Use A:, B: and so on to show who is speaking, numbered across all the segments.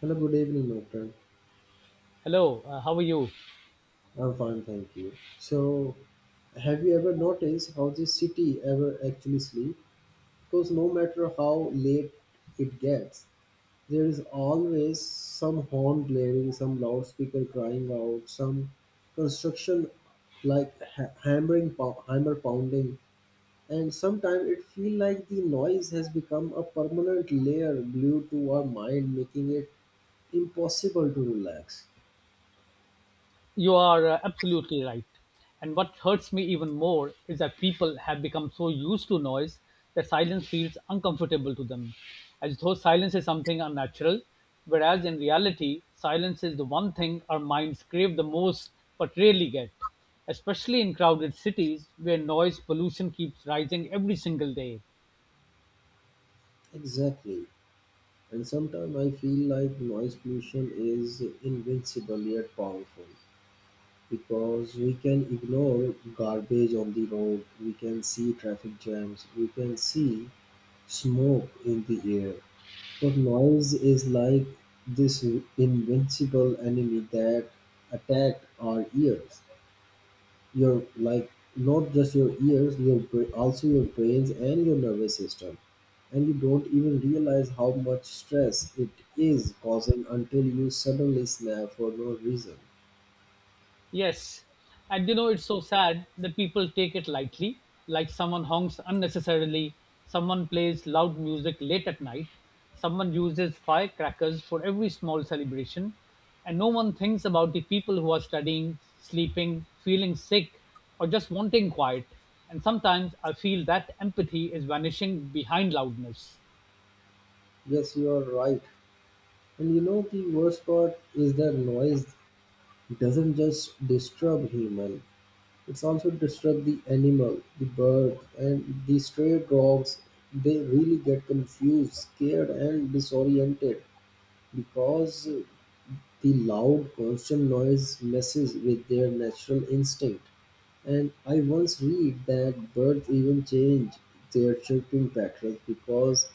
A: Hello, good evening, my friend.
B: Hello, how are you?
A: I'm fine, thank you. So, have you ever noticed how the city ever actually sleep? Because no matter how late it gets, there is always some horn blaring, some loudspeaker crying out, some construction like hammering, hammer pounding, and sometimes it feels like the noise has become a permanent layer glued to our mind, making it impossible to relax.
B: You are absolutely right. And what hurts me even more is that people have become so used to noise that silence feels uncomfortable to them, as though silence is something unnatural, whereas in reality, silence is the one thing our minds crave the most but rarely get, especially in crowded cities where noise pollution keeps rising every single day.
A: Exactly. And sometimes I feel like noise pollution is invincible yet powerful because we can ignore garbage on the road, we can see traffic jams, we can see smoke in the air. But noise is like this invincible enemy that attacked our ears, your like not just your ears, your also your brains and your nervous system, and you don't even realize how much stress it is causing until you suddenly snap for no reason.
B: Yes. And you know, it's so sad that people take it lightly, like someone honks unnecessarily, someone plays loud music late at night, someone uses firecrackers for every small celebration, and no one thinks about the people who are studying, sleeping, feeling sick, or just wanting quiet. And sometimes I feel that empathy is vanishing behind loudness.
A: Yes, you are right. And you know the worst part is that noise doesn't just disturb human, it's also disturb the animal, the bird, and the stray dogs. They really get confused, scared, and disoriented because the loud, constant noise messes with their natural instinct, and I once read that birds even change their chirping patterns because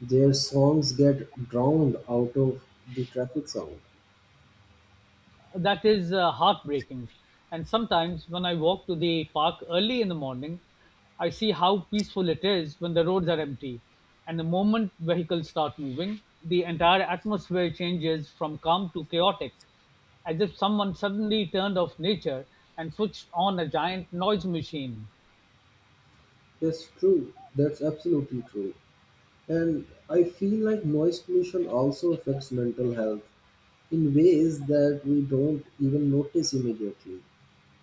A: their songs get drowned out of the traffic sound.
B: That is heartbreaking. And sometimes when I walk to the park early in the morning, I see how peaceful it is when the roads are empty. And the moment vehicles start moving, the entire atmosphere changes from calm to chaotic, as if someone suddenly turned off nature and switched on a giant noise machine.
A: That's true. That's absolutely true. And I feel like noise pollution also affects mental health in ways that we don't even notice immediately.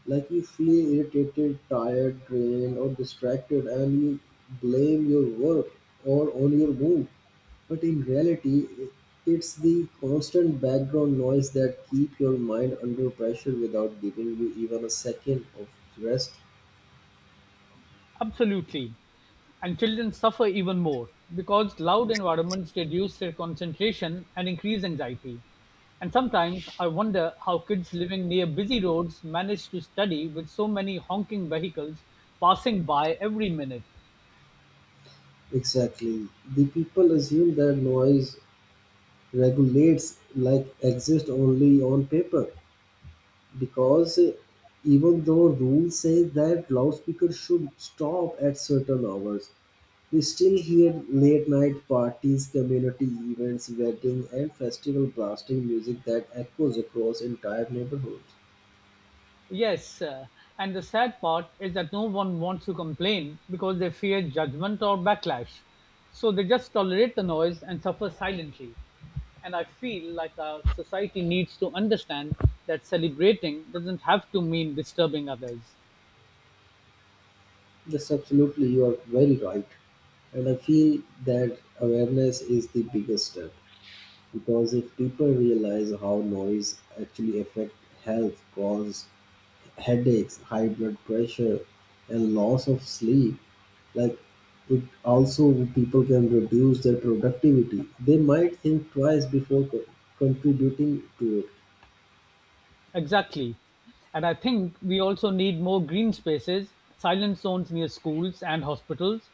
A: Like you feel irritated, tired, drained, or distracted, and you blame your work or on your mood. But in reality, it's the constant background noise that keep your mind under pressure without giving you even a second of rest.
B: Absolutely. And children suffer even more because loud environments reduce their concentration and increase anxiety. And sometimes I wonder how kids living near busy roads manage to study with so many honking vehicles passing by every minute.
A: Exactly. The people assume that noise regulates like exist only on paper because even though rules say that loudspeakers should stop at certain hours, we still hear late night parties, community events, weddings, and festival blasting music that echoes across entire neighborhoods.
B: Yes, and the sad part is that no one wants to complain because they fear judgment or backlash. So they just tolerate the noise and suffer silently. And I feel like our society needs to understand that celebrating doesn't have to mean disturbing others.
A: Yes, absolutely, you are very right. And I feel that awareness is the biggest step because if people realize how noise actually affects health, causes headaches, high blood pressure, and loss of sleep. Like it also, people can reduce their productivity. They might think twice before contributing to it.
B: Exactly. And I think we also need more green spaces, silent zones near schools and hospitals,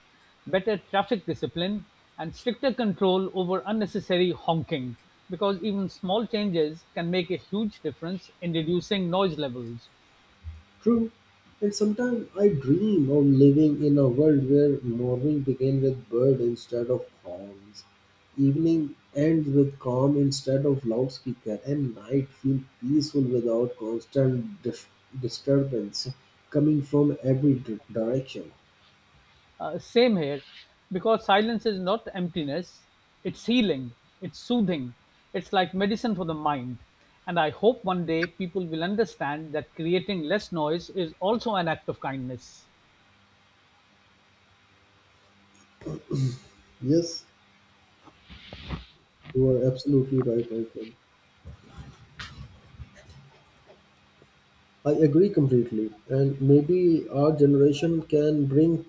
B: better traffic discipline, and stricter control over unnecessary honking because even small changes can make a huge difference in reducing noise levels.
A: True. And sometimes I dream of living in a world where morning begins with bird instead of horns, evening ends with calm instead of loudspeaker, and night feel peaceful without constant disturbance coming from every direction.
B: Same here, because silence is not emptiness, it's healing, it's soothing, it's like medicine for the mind. And I hope one day people will understand that creating less noise is also an act of kindness.
A: Yes, you are absolutely right, Michael. I agree completely. And maybe our generation can bring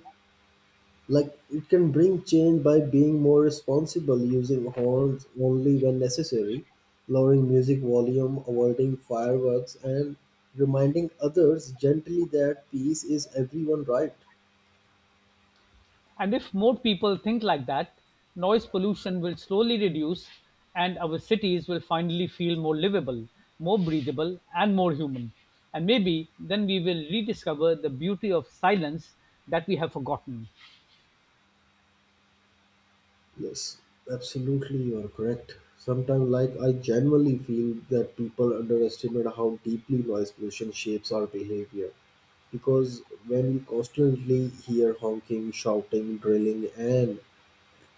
A: like it can bring change by being more responsible, using horns only when necessary, lowering music volume, avoiding fireworks, and reminding others gently that peace is everyone right.
B: And if more people think like that, noise pollution will slowly reduce and our cities will finally feel more livable, more breathable, and more human. And maybe then we will rediscover the beauty of silence that we have forgotten.
A: Yes, absolutely, you are correct. Sometimes, like, I genuinely feel that people underestimate how deeply noise pollution shapes our behavior. Because when we constantly hear honking, shouting, drilling, and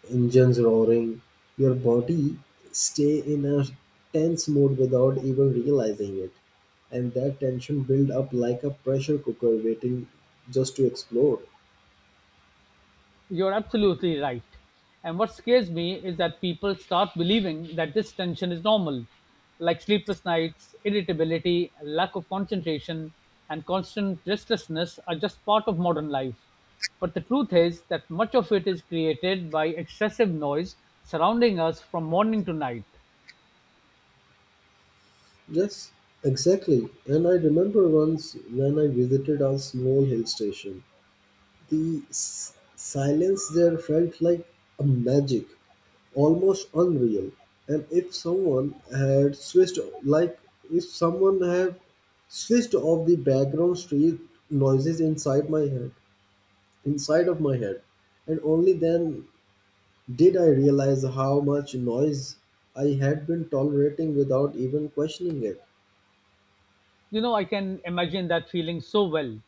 A: engines roaring, your body stay in a tense mode without even realizing it, and that tension build up like a pressure cooker waiting just to explode.
B: You're absolutely right. And what scares me is that people start believing that this tension is normal, like sleepless nights, irritability, lack of concentration, and constant restlessness are just part of modern life. But the truth is that much of it is created by excessive noise surrounding us from morning to night.
A: Yes, exactly. And I remember once when I visited a small hill station, the silence there felt like a magic, almost unreal. And if someone had switched, like if someone had switched off the background street noises inside my head, inside of my head, and only then did I realize how much noise I had been tolerating without even questioning it.
B: You know, I can imagine that feeling so well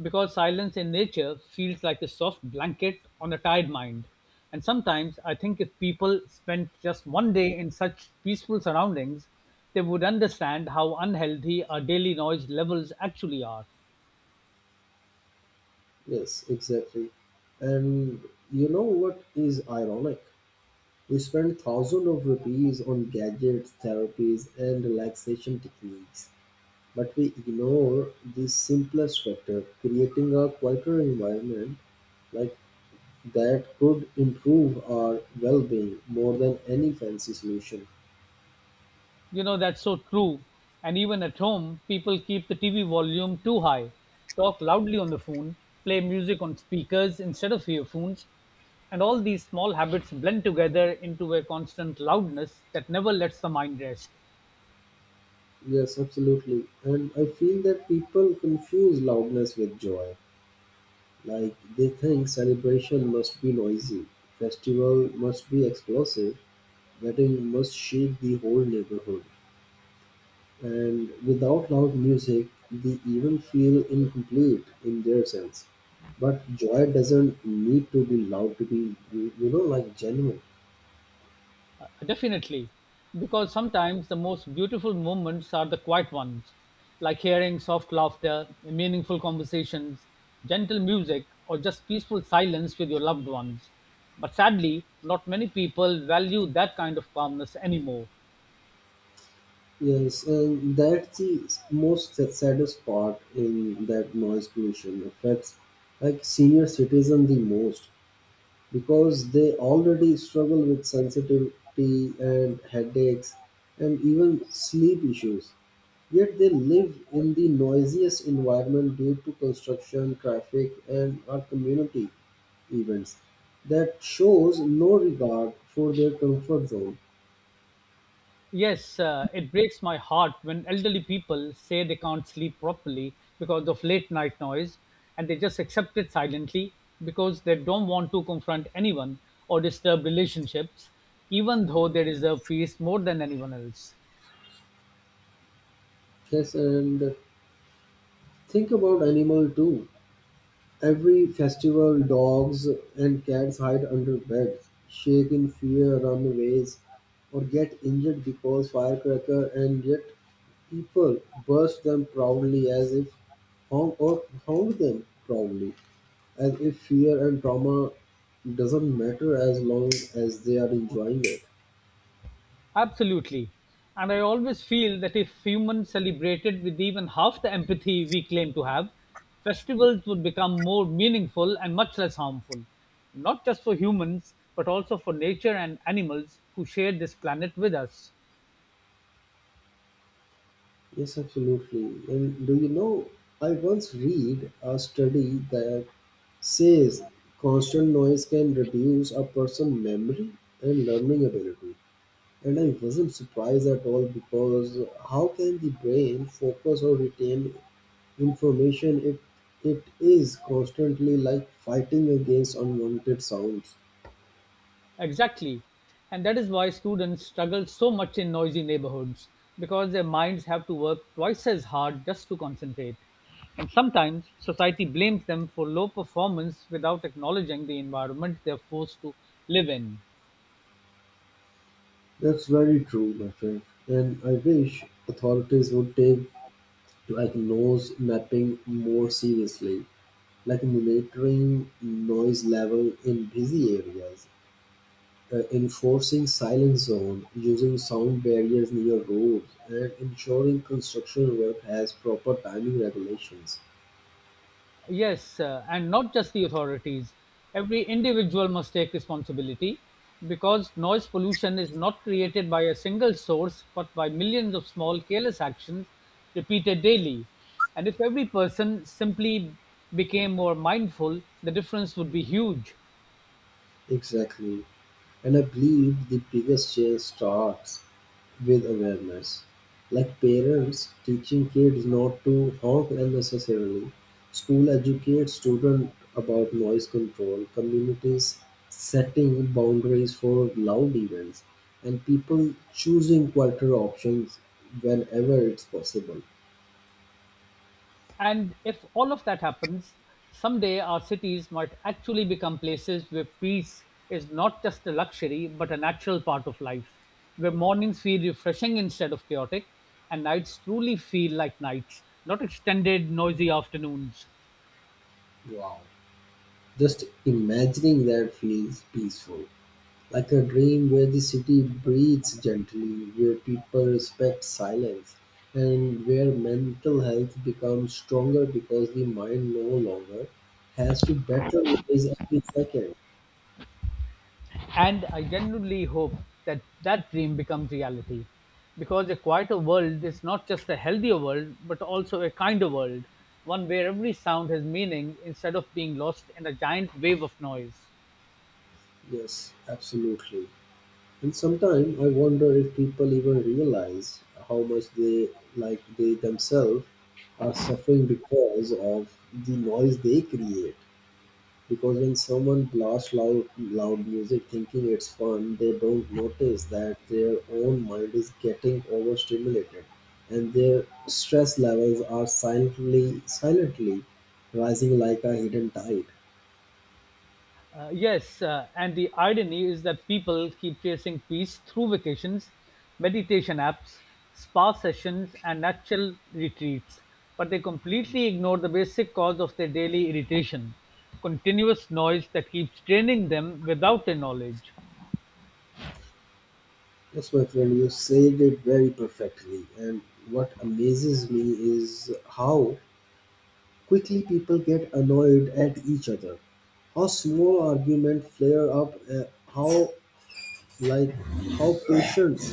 B: because silence in nature feels like a soft blanket on a tired mind. And sometimes I think if people spent just one day in such peaceful surroundings, they would understand how unhealthy our daily noise levels actually are.
A: Yes, exactly. And you know what is ironic? We spend thousands of rupees on gadgets, therapies, and relaxation techniques, but we ignore the simplest factor, creating a quieter environment, like that could improve our well-being more than any fancy solution.
B: You know, that's so true. And even at home, people keep the TV volume too high, talk loudly on the phone, play music on speakers instead of earphones. And all these small habits blend together into a constant loudness that never lets the mind rest.
A: Yes, absolutely. And I feel that people confuse loudness with joy. Like they think celebration must be noisy, festival must be explosive, wedding must shake the whole neighborhood. And without loud music, they even feel incomplete in their sense. But joy doesn't need to be loud to be, you know, like genuine.
B: Definitely, because sometimes the most beautiful moments are the quiet ones, like hearing soft laughter, meaningful conversations, gentle music, or just peaceful silence with your loved ones. But sadly, not many people value that kind of calmness anymore.
A: Yes, and that's the most saddest part in that noise pollution affects like senior citizens the most because they already struggle with sensitivity and headaches and even sleep issues. Yet they live in the noisiest environment due to construction, traffic, and our community events that shows no regard for their comfort zone.
B: Yes, it breaks my heart when elderly people say they can't sleep properly because of late night noise and they just accept it silently because they don't want to confront anyone or disturb relationships, even though they deserve peace more than anyone else.
A: Yes, and think about animal too. Every festival, dogs and cats hide under beds, shake in fear, run away, or get injured because firecracker, and yet people burst them proudly as if hound or hound them proudly, as if fear and trauma doesn't matter as long as they are enjoying it.
B: Absolutely. And I always feel that if humans celebrated with even half the empathy we claim to have, festivals would become more meaningful and much less harmful, not just for humans, but also for nature and animals who share this planet with us.
A: Yes, absolutely. And do you know, I once read a study that says constant noise can reduce a person's memory and learning ability. And I wasn't surprised at all because how can the brain focus or retain information if it is constantly like fighting against unwanted sounds?
B: Exactly. And that is why students struggle so much in noisy neighborhoods because their minds have to work twice as hard just to concentrate. And sometimes society blames them for low performance without acknowledging the environment they're forced to live in.
A: That's very true, my friend. And I wish authorities would take like noise mapping more seriously, like monitoring noise level in busy areas, enforcing silent zone, using sound barriers near roads, and ensuring construction work has proper timing regulations.
B: Yes, and not just the authorities. Every individual must take responsibility because noise pollution is not created by a single source but by millions of small careless actions repeated daily. And if every person simply became more mindful, the difference would be huge.
A: Exactly. And I believe the biggest change starts with awareness. Like parents teaching kids not to honk unnecessarily, school educates students about noise control, communities setting boundaries for loud events, and people choosing quieter options whenever it's possible.
B: And if all of that happens, someday our cities might actually become places where peace is not just a luxury, but a natural part of life, where mornings feel refreshing instead of chaotic, and nights truly feel like nights, not extended, noisy afternoons.
A: Wow. Just imagining that feels peaceful. Like a dream where the city breathes gently, where people respect silence, and where mental health becomes stronger because the mind no longer has to battle with every second.
B: And I genuinely hope that that dream becomes reality. Because a quieter world is not just a healthier world, but also a kinder world, one where every sound has meaning instead of being lost in a giant wave of noise.
A: Yes, absolutely. And sometimes I wonder if people even realize how much they, like they themselves, are suffering because of the noise they create. Because when someone blasts loud music thinking it's fun, they don't notice that their own mind is getting overstimulated and their stress levels are silently rising like a hidden tide.
B: Yes, and the irony is that people keep chasing peace through vacations, meditation apps, spa sessions, and natural retreats, but they completely ignore the basic cause of their daily irritation continuous noise that keeps draining them without their knowledge.
A: Yes, my friend, you said it very perfectly. And what amazes me is how quickly people get annoyed at each other, how small arguments flare up, how, like, how patience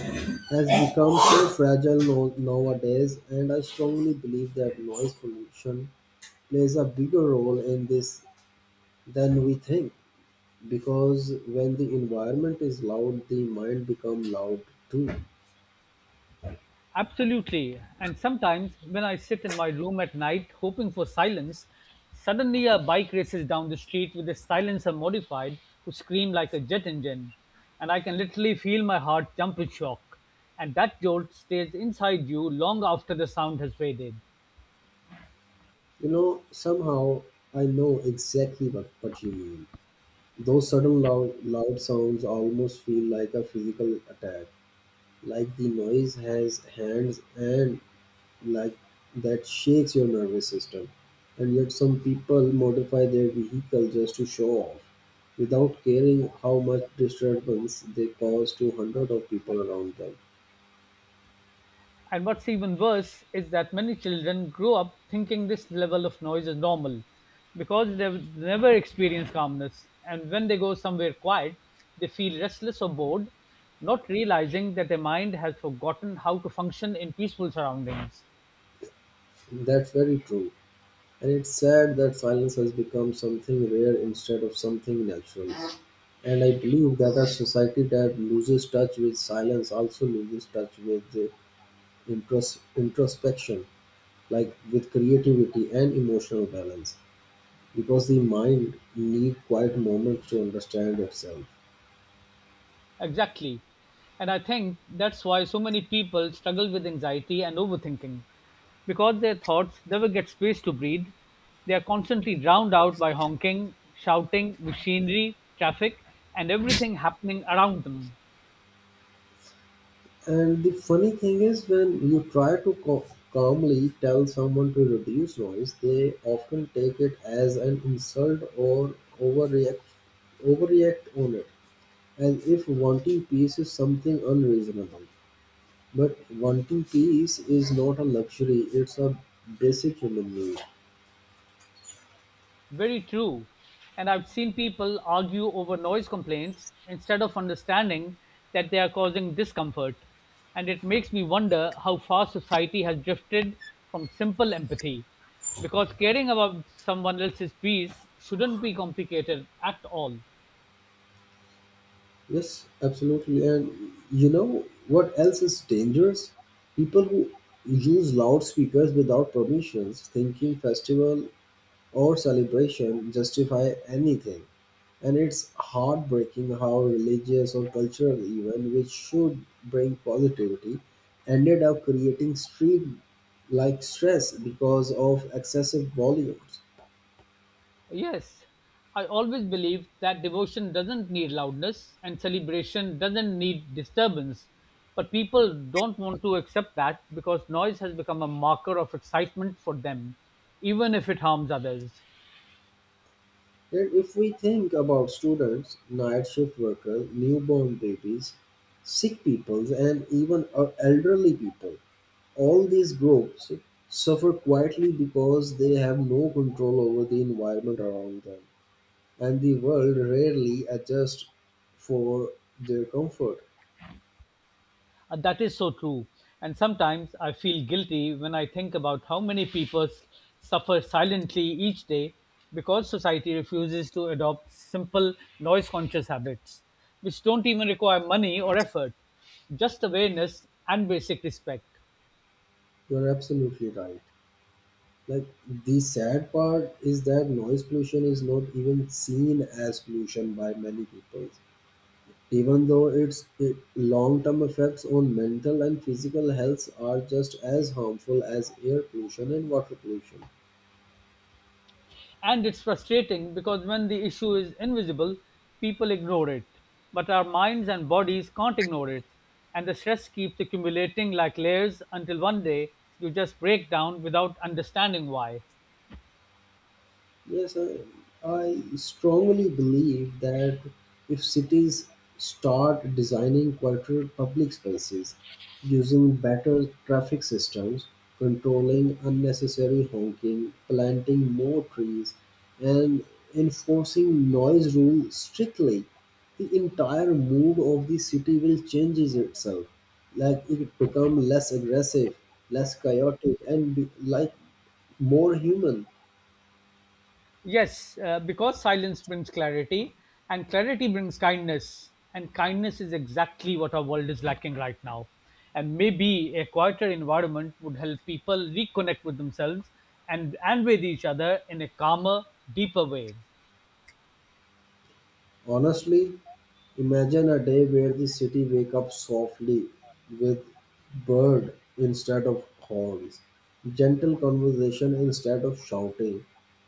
A: has become so fragile nowadays, and I strongly believe that noise pollution plays a bigger role in this than we think. Because when the environment is loud, the mind becomes loud too.
B: Absolutely. And sometimes when I sit in my room at night hoping for silence, suddenly a bike races down the street with a silencer modified to scream like a jet engine. And I can literally feel my heart jump with shock. And that jolt stays inside you long after the sound has faded.
A: You know, somehow I know exactly what you mean. Those sudden loud sounds almost feel like a physical attack, like the noise has hands and like that shakes your nervous system. And yet, some people modify their vehicle just to show off without caring how much disturbance they cause to hundreds of people around them.
B: And what's even worse is that many children grow up thinking this level of noise is normal because they've never experienced calmness. And when they go somewhere quiet, they feel restless or bored, not realizing that their mind has forgotten how to function in peaceful surroundings.
A: That's very true. And it's sad that silence has become something rare instead of something natural. And I believe that a society that loses touch with silence also loses touch with the introspection, like with creativity and emotional balance, because the mind need quiet moments to understand itself.
B: Exactly. And I think that's why so many people struggle with anxiety and overthinking. Because their thoughts never get space to breathe, they are constantly drowned out by honking, shouting, machinery, traffic, and everything happening around them.
A: And the funny thing is, when you try to calmly tell someone to reduce noise, they often take it as an insult or overreact overreact on it, as if wanting peace is something unreasonable. But wanting peace is not a luxury, it's a basic human need.
B: Very true. And I've seen people argue over noise complaints instead of understanding that they are causing discomfort. And it makes me wonder how far society has drifted from simple empathy. Because caring about someone else's peace shouldn't be complicated at all.
A: Yes, absolutely. And you know what else is dangerous? People who use loudspeakers without permissions, thinking festival or celebration justify anything. And it's heartbreaking how religious or cultural event, which should bring positivity, ended up creating street like stress because of excessive volumes.
B: Yes, I always believe that devotion doesn't need loudness and celebration doesn't need disturbance. But people don't want to accept that because noise has become a marker of excitement for them, even if it harms others.
A: And if we think about students, night shift workers, newborn babies, sick peoples, and even elderly people, all these groups suffer quietly because they have no control over the environment around them, and the world rarely adjusts for their comfort.
B: That is so true. And sometimes I feel guilty when I think about how many people suffer silently each day because society refuses to adopt simple noise conscious habits, which don't even require money or effort, just awareness and basic respect.
A: You're absolutely right. Like the sad part is that noise pollution is not even seen as pollution by many people even though its long-term effects on mental and physical health are just as harmful as air pollution and water pollution.
B: And it's frustrating because when the issue is invisible, people ignore it. But our minds and bodies can't ignore it. And the stress keeps accumulating like layers until one day you just break down without understanding why.
A: Yes, I strongly believe that if cities start designing quieter public spaces, using better traffic systems, controlling unnecessary honking, planting more trees, and enforcing noise rules strictly, the entire mood of the city will changes itself. Like it become less aggressive, less chaotic, and be, like more human.
B: Yes, because silence brings clarity, and clarity brings kindness. And kindness is exactly what our world is lacking right now. And maybe a quieter environment would help people reconnect with themselves and with each other in a calmer, deeper way.
A: Honestly, imagine a day where the city wake up softly with bird instead of horns, gentle conversation instead of shouting,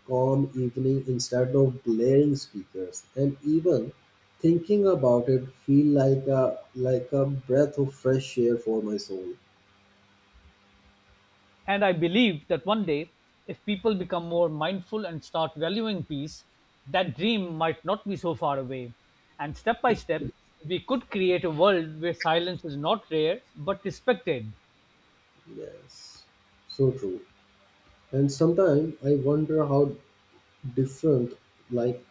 A: calm evening instead of blaring speakers, and even thinking about it feel like a breath of fresh air for my soul.
B: And I believe that one day, if people become more mindful and start valuing peace, that dream might not be so far away. And step by step, we could create a world where silence is not rare but respected.
A: Yes. So true. And sometimes I wonder how different, like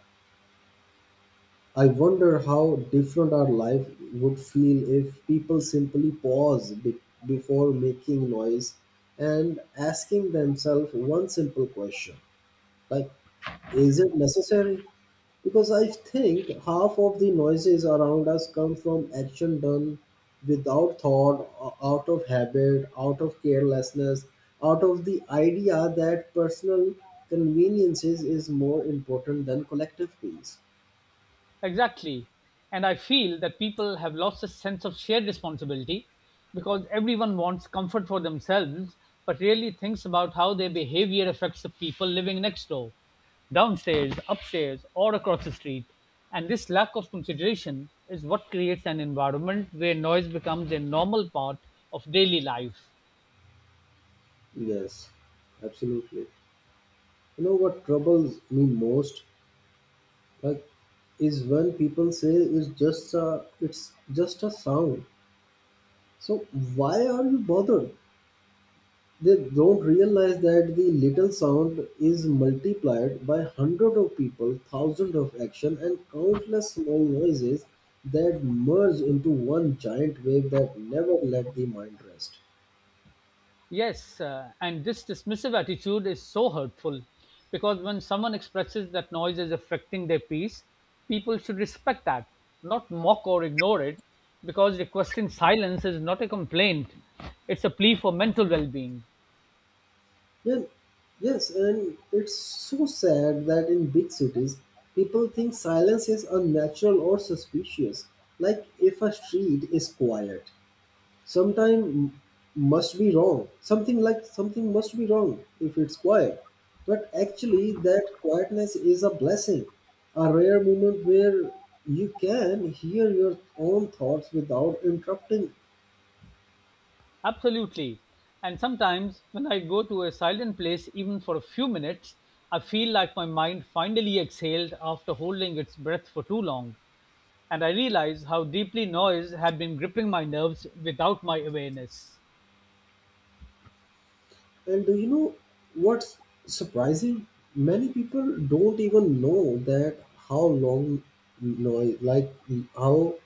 A: I wonder how different our life would feel if people simply pause before making noise and asking themselves one simple question, like, is it necessary? Because I think half of the noises around us come from action done without thought, out of habit, out of carelessness, out of the idea that personal conveniences is more important than collective peace.
B: Exactly. And I feel that people have lost a sense of shared responsibility because everyone wants comfort for themselves but really thinks about how their behavior affects the people living next door, downstairs, upstairs, or across the street. And this lack of consideration is what creates an environment where noise becomes a normal part of daily life.
A: Yes, absolutely. You know what troubles me most, like, is when people say it's just a sound. So why are you bothered? They don't realize that the little sound is multiplied by hundred of people, thousands of action, and countless small noises that merge into one giant wave that never let the mind rest.
B: Yes, and this dismissive attitude is so hurtful because when someone expresses that noise is affecting their peace, people should respect that, not mock or ignore it, because requesting silence is not a complaint, it's a plea for mental well being.
A: Yeah, yes, and it's so sad that in big cities, people think silence is unnatural or suspicious. Like if a street is quiet, sometime must be wrong. Something like something must be wrong if it's quiet. But actually, that quietness is a blessing, a rare moment where you can hear your own thoughts without interrupting.
B: Absolutely. And sometimes when I go to a silent place, even for a few minutes, I feel like my mind finally exhaled after holding its breath for too long. And I realized how deeply noise had been gripping my nerves without my awareness.
A: And do you know what's surprising? Many people don't even know that how long noise, like how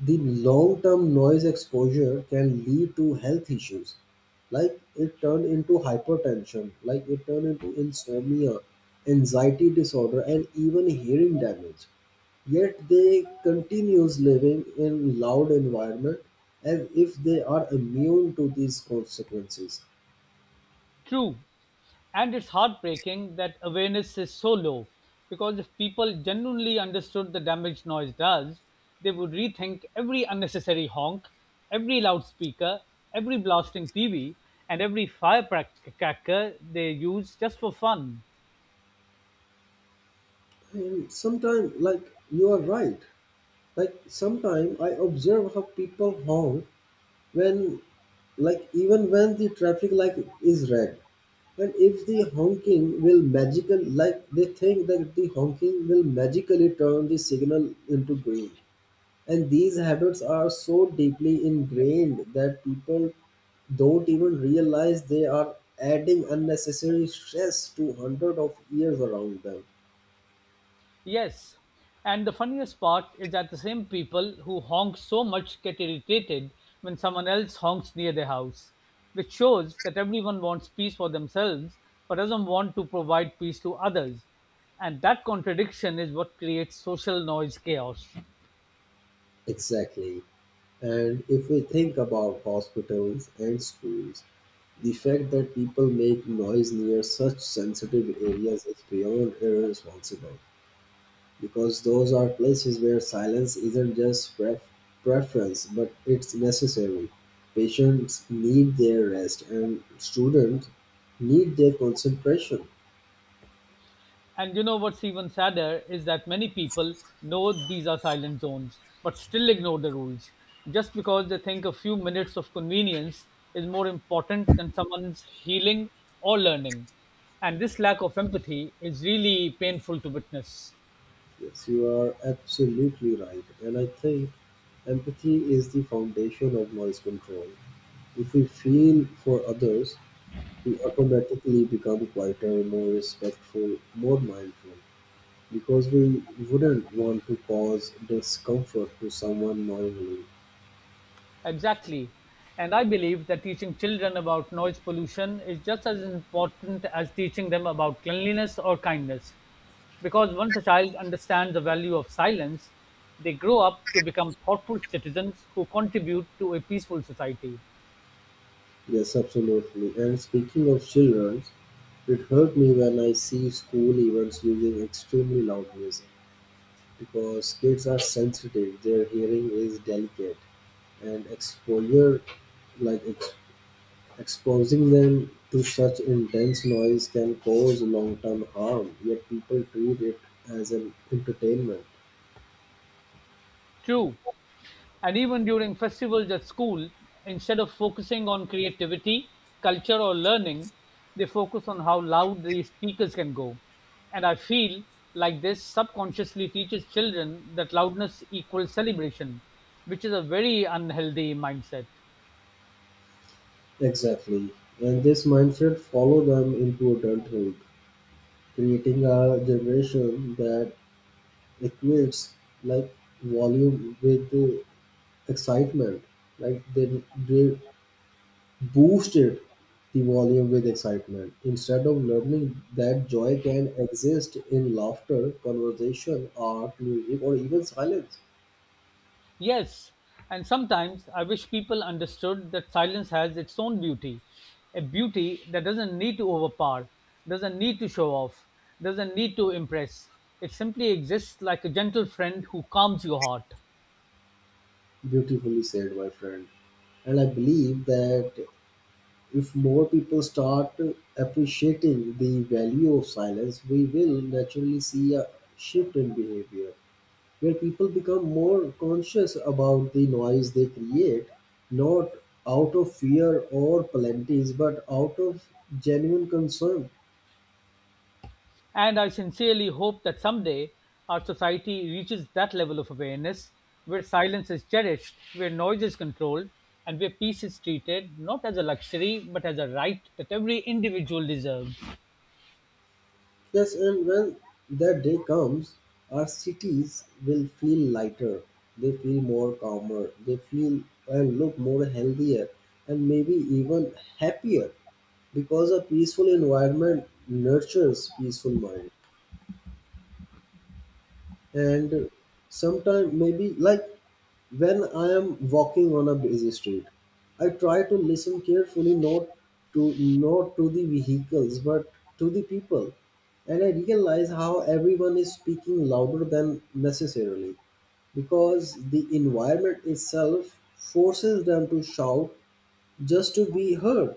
A: the long-term noise exposure can lead to health issues. Like it turned into hypertension, like it turned into insomnia, anxiety disorder, and even hearing damage. Yet they continues living in loud environment as if they are immune to these consequences.
B: True, and it's heartbreaking that awareness is so low because if people genuinely understood the damage noise does, they would rethink every unnecessary honk, every loudspeaker, every blasting TV, and every firecracker they use just for fun.
A: And sometimes, like you are right. Like sometimes I observe how people honk when, like even when the traffic light is red, and if the honking will magical, like they think that the honking will magically turn the signal into green. And these habits are so deeply ingrained that people don't even realize they are adding unnecessary stress to hundreds of years around them.
B: Yes, and the funniest part is that the same people who honk so much get irritated when someone else honks near their house, which shows that everyone wants peace for themselves but doesn't want to provide peace to others. And that contradiction is what creates social noise chaos.
A: Exactly. And if we think about hospitals and schools, the fact that people make noise near such sensitive areas is beyond irresponsible because those are places where silence isn't just preference but it's necessary. Patients need their rest and students need their concentration.
B: And you know what's even sadder is that many people know these are silent zones, but still ignore the rules just because they think a few minutes of convenience is more important than someone's healing or learning. And this lack of empathy is really painful to witness.
A: Yes, you are absolutely right. And I think empathy is the foundation of noise control. If we feel for others, we automatically become quieter, more respectful, more mindful, because we wouldn't want to cause discomfort to someone knowingly.
B: Exactly. And I believe that teaching children about noise pollution is just as important as teaching them about cleanliness or kindness. Because once a child understands the value of silence, they grow up to become thoughtful citizens who contribute to a peaceful society.
A: Yes, absolutely. And speaking of children, it hurt me when I see school events using extremely loud music because kids are sensitive, their hearing is delicate, and exposure like Exposing them to such intense noise can cause long-term harm, yet people treat it as an entertainment.
B: True. And even during festivals at school, instead of focusing on creativity, culture, or learning, they focus on how loud the speakers can go. And I feel like this subconsciously teaches children that loudness equals celebration, which is a very unhealthy mindset.
A: Exactly. And this mindset follow them into adulthood, creating a generation that equates like volume with the excitement. Like they boosted the volume with excitement. Instead of learning that joy can exist in laughter, conversation, art, music, or even silence.
B: Yes, and sometimes I wish people understood that silence has its own beauty, a beauty that doesn't need to overpower, doesn't need to show off, doesn't need to impress. It simply exists like a gentle friend who calms your heart.
A: Beautifully said, my friend. And I believe that if more people start appreciating the value of silence, we will naturally see a shift in behavior, where people become more conscious about the noise they create, not out of fear or penalties, but out of genuine concern.
B: And I sincerely hope that someday our society reaches that level of awareness where silence is cherished, where noise is controlled, and where peace is treated not as a luxury but as a right that every individual deserves.
A: Yes, and when that day comes, our cities will feel lighter, they feel more calmer, they feel and look more healthier, and maybe even happier because a peaceful environment nurtures peaceful mind. And sometime maybe like when I am walking on a busy street, I try to listen carefully not to the vehicles but to the people, and I realize how everyone is speaking louder than necessarily because the environment itself forces them to shout just to be heard,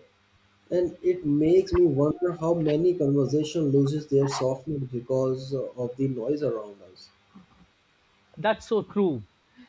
A: and it makes me wonder how many conversation loses their softness because of the noise around us.
B: That's so true.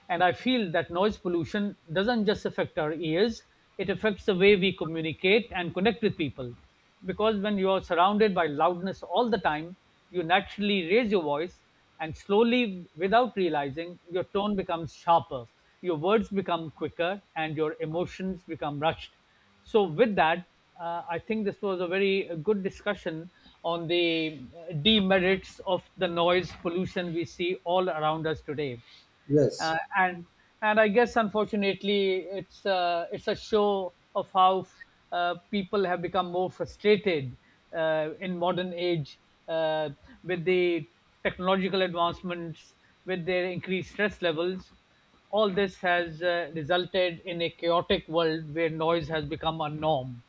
B: And I feel that noise pollution doesn't just affect our ears, it affects the way we communicate and connect with people. Because when you are surrounded by loudness all the time, you naturally raise your voice, and slowly, without realizing, your tone becomes sharper, your words become quicker, and your emotions become rushed. So, with that, I think this was a very good discussion on the demerits of the noise pollution we see all around us today,
A: Yes.
B: uh, and and I guess unfortunately it's a show of how people have become more frustrated in modern age uh, with the technological advancements, with their increased stress levels all this has resulted in a chaotic world where noise has become a norm.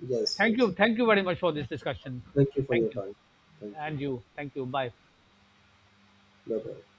A: Yes,
B: Thank
A: yes.
B: you. Thank you very much for this discussion.
A: Thank you for
B: Thank
A: your
B: you.
A: time. Thank you.
B: And you. Thank you. Bye.
A: Bye bye.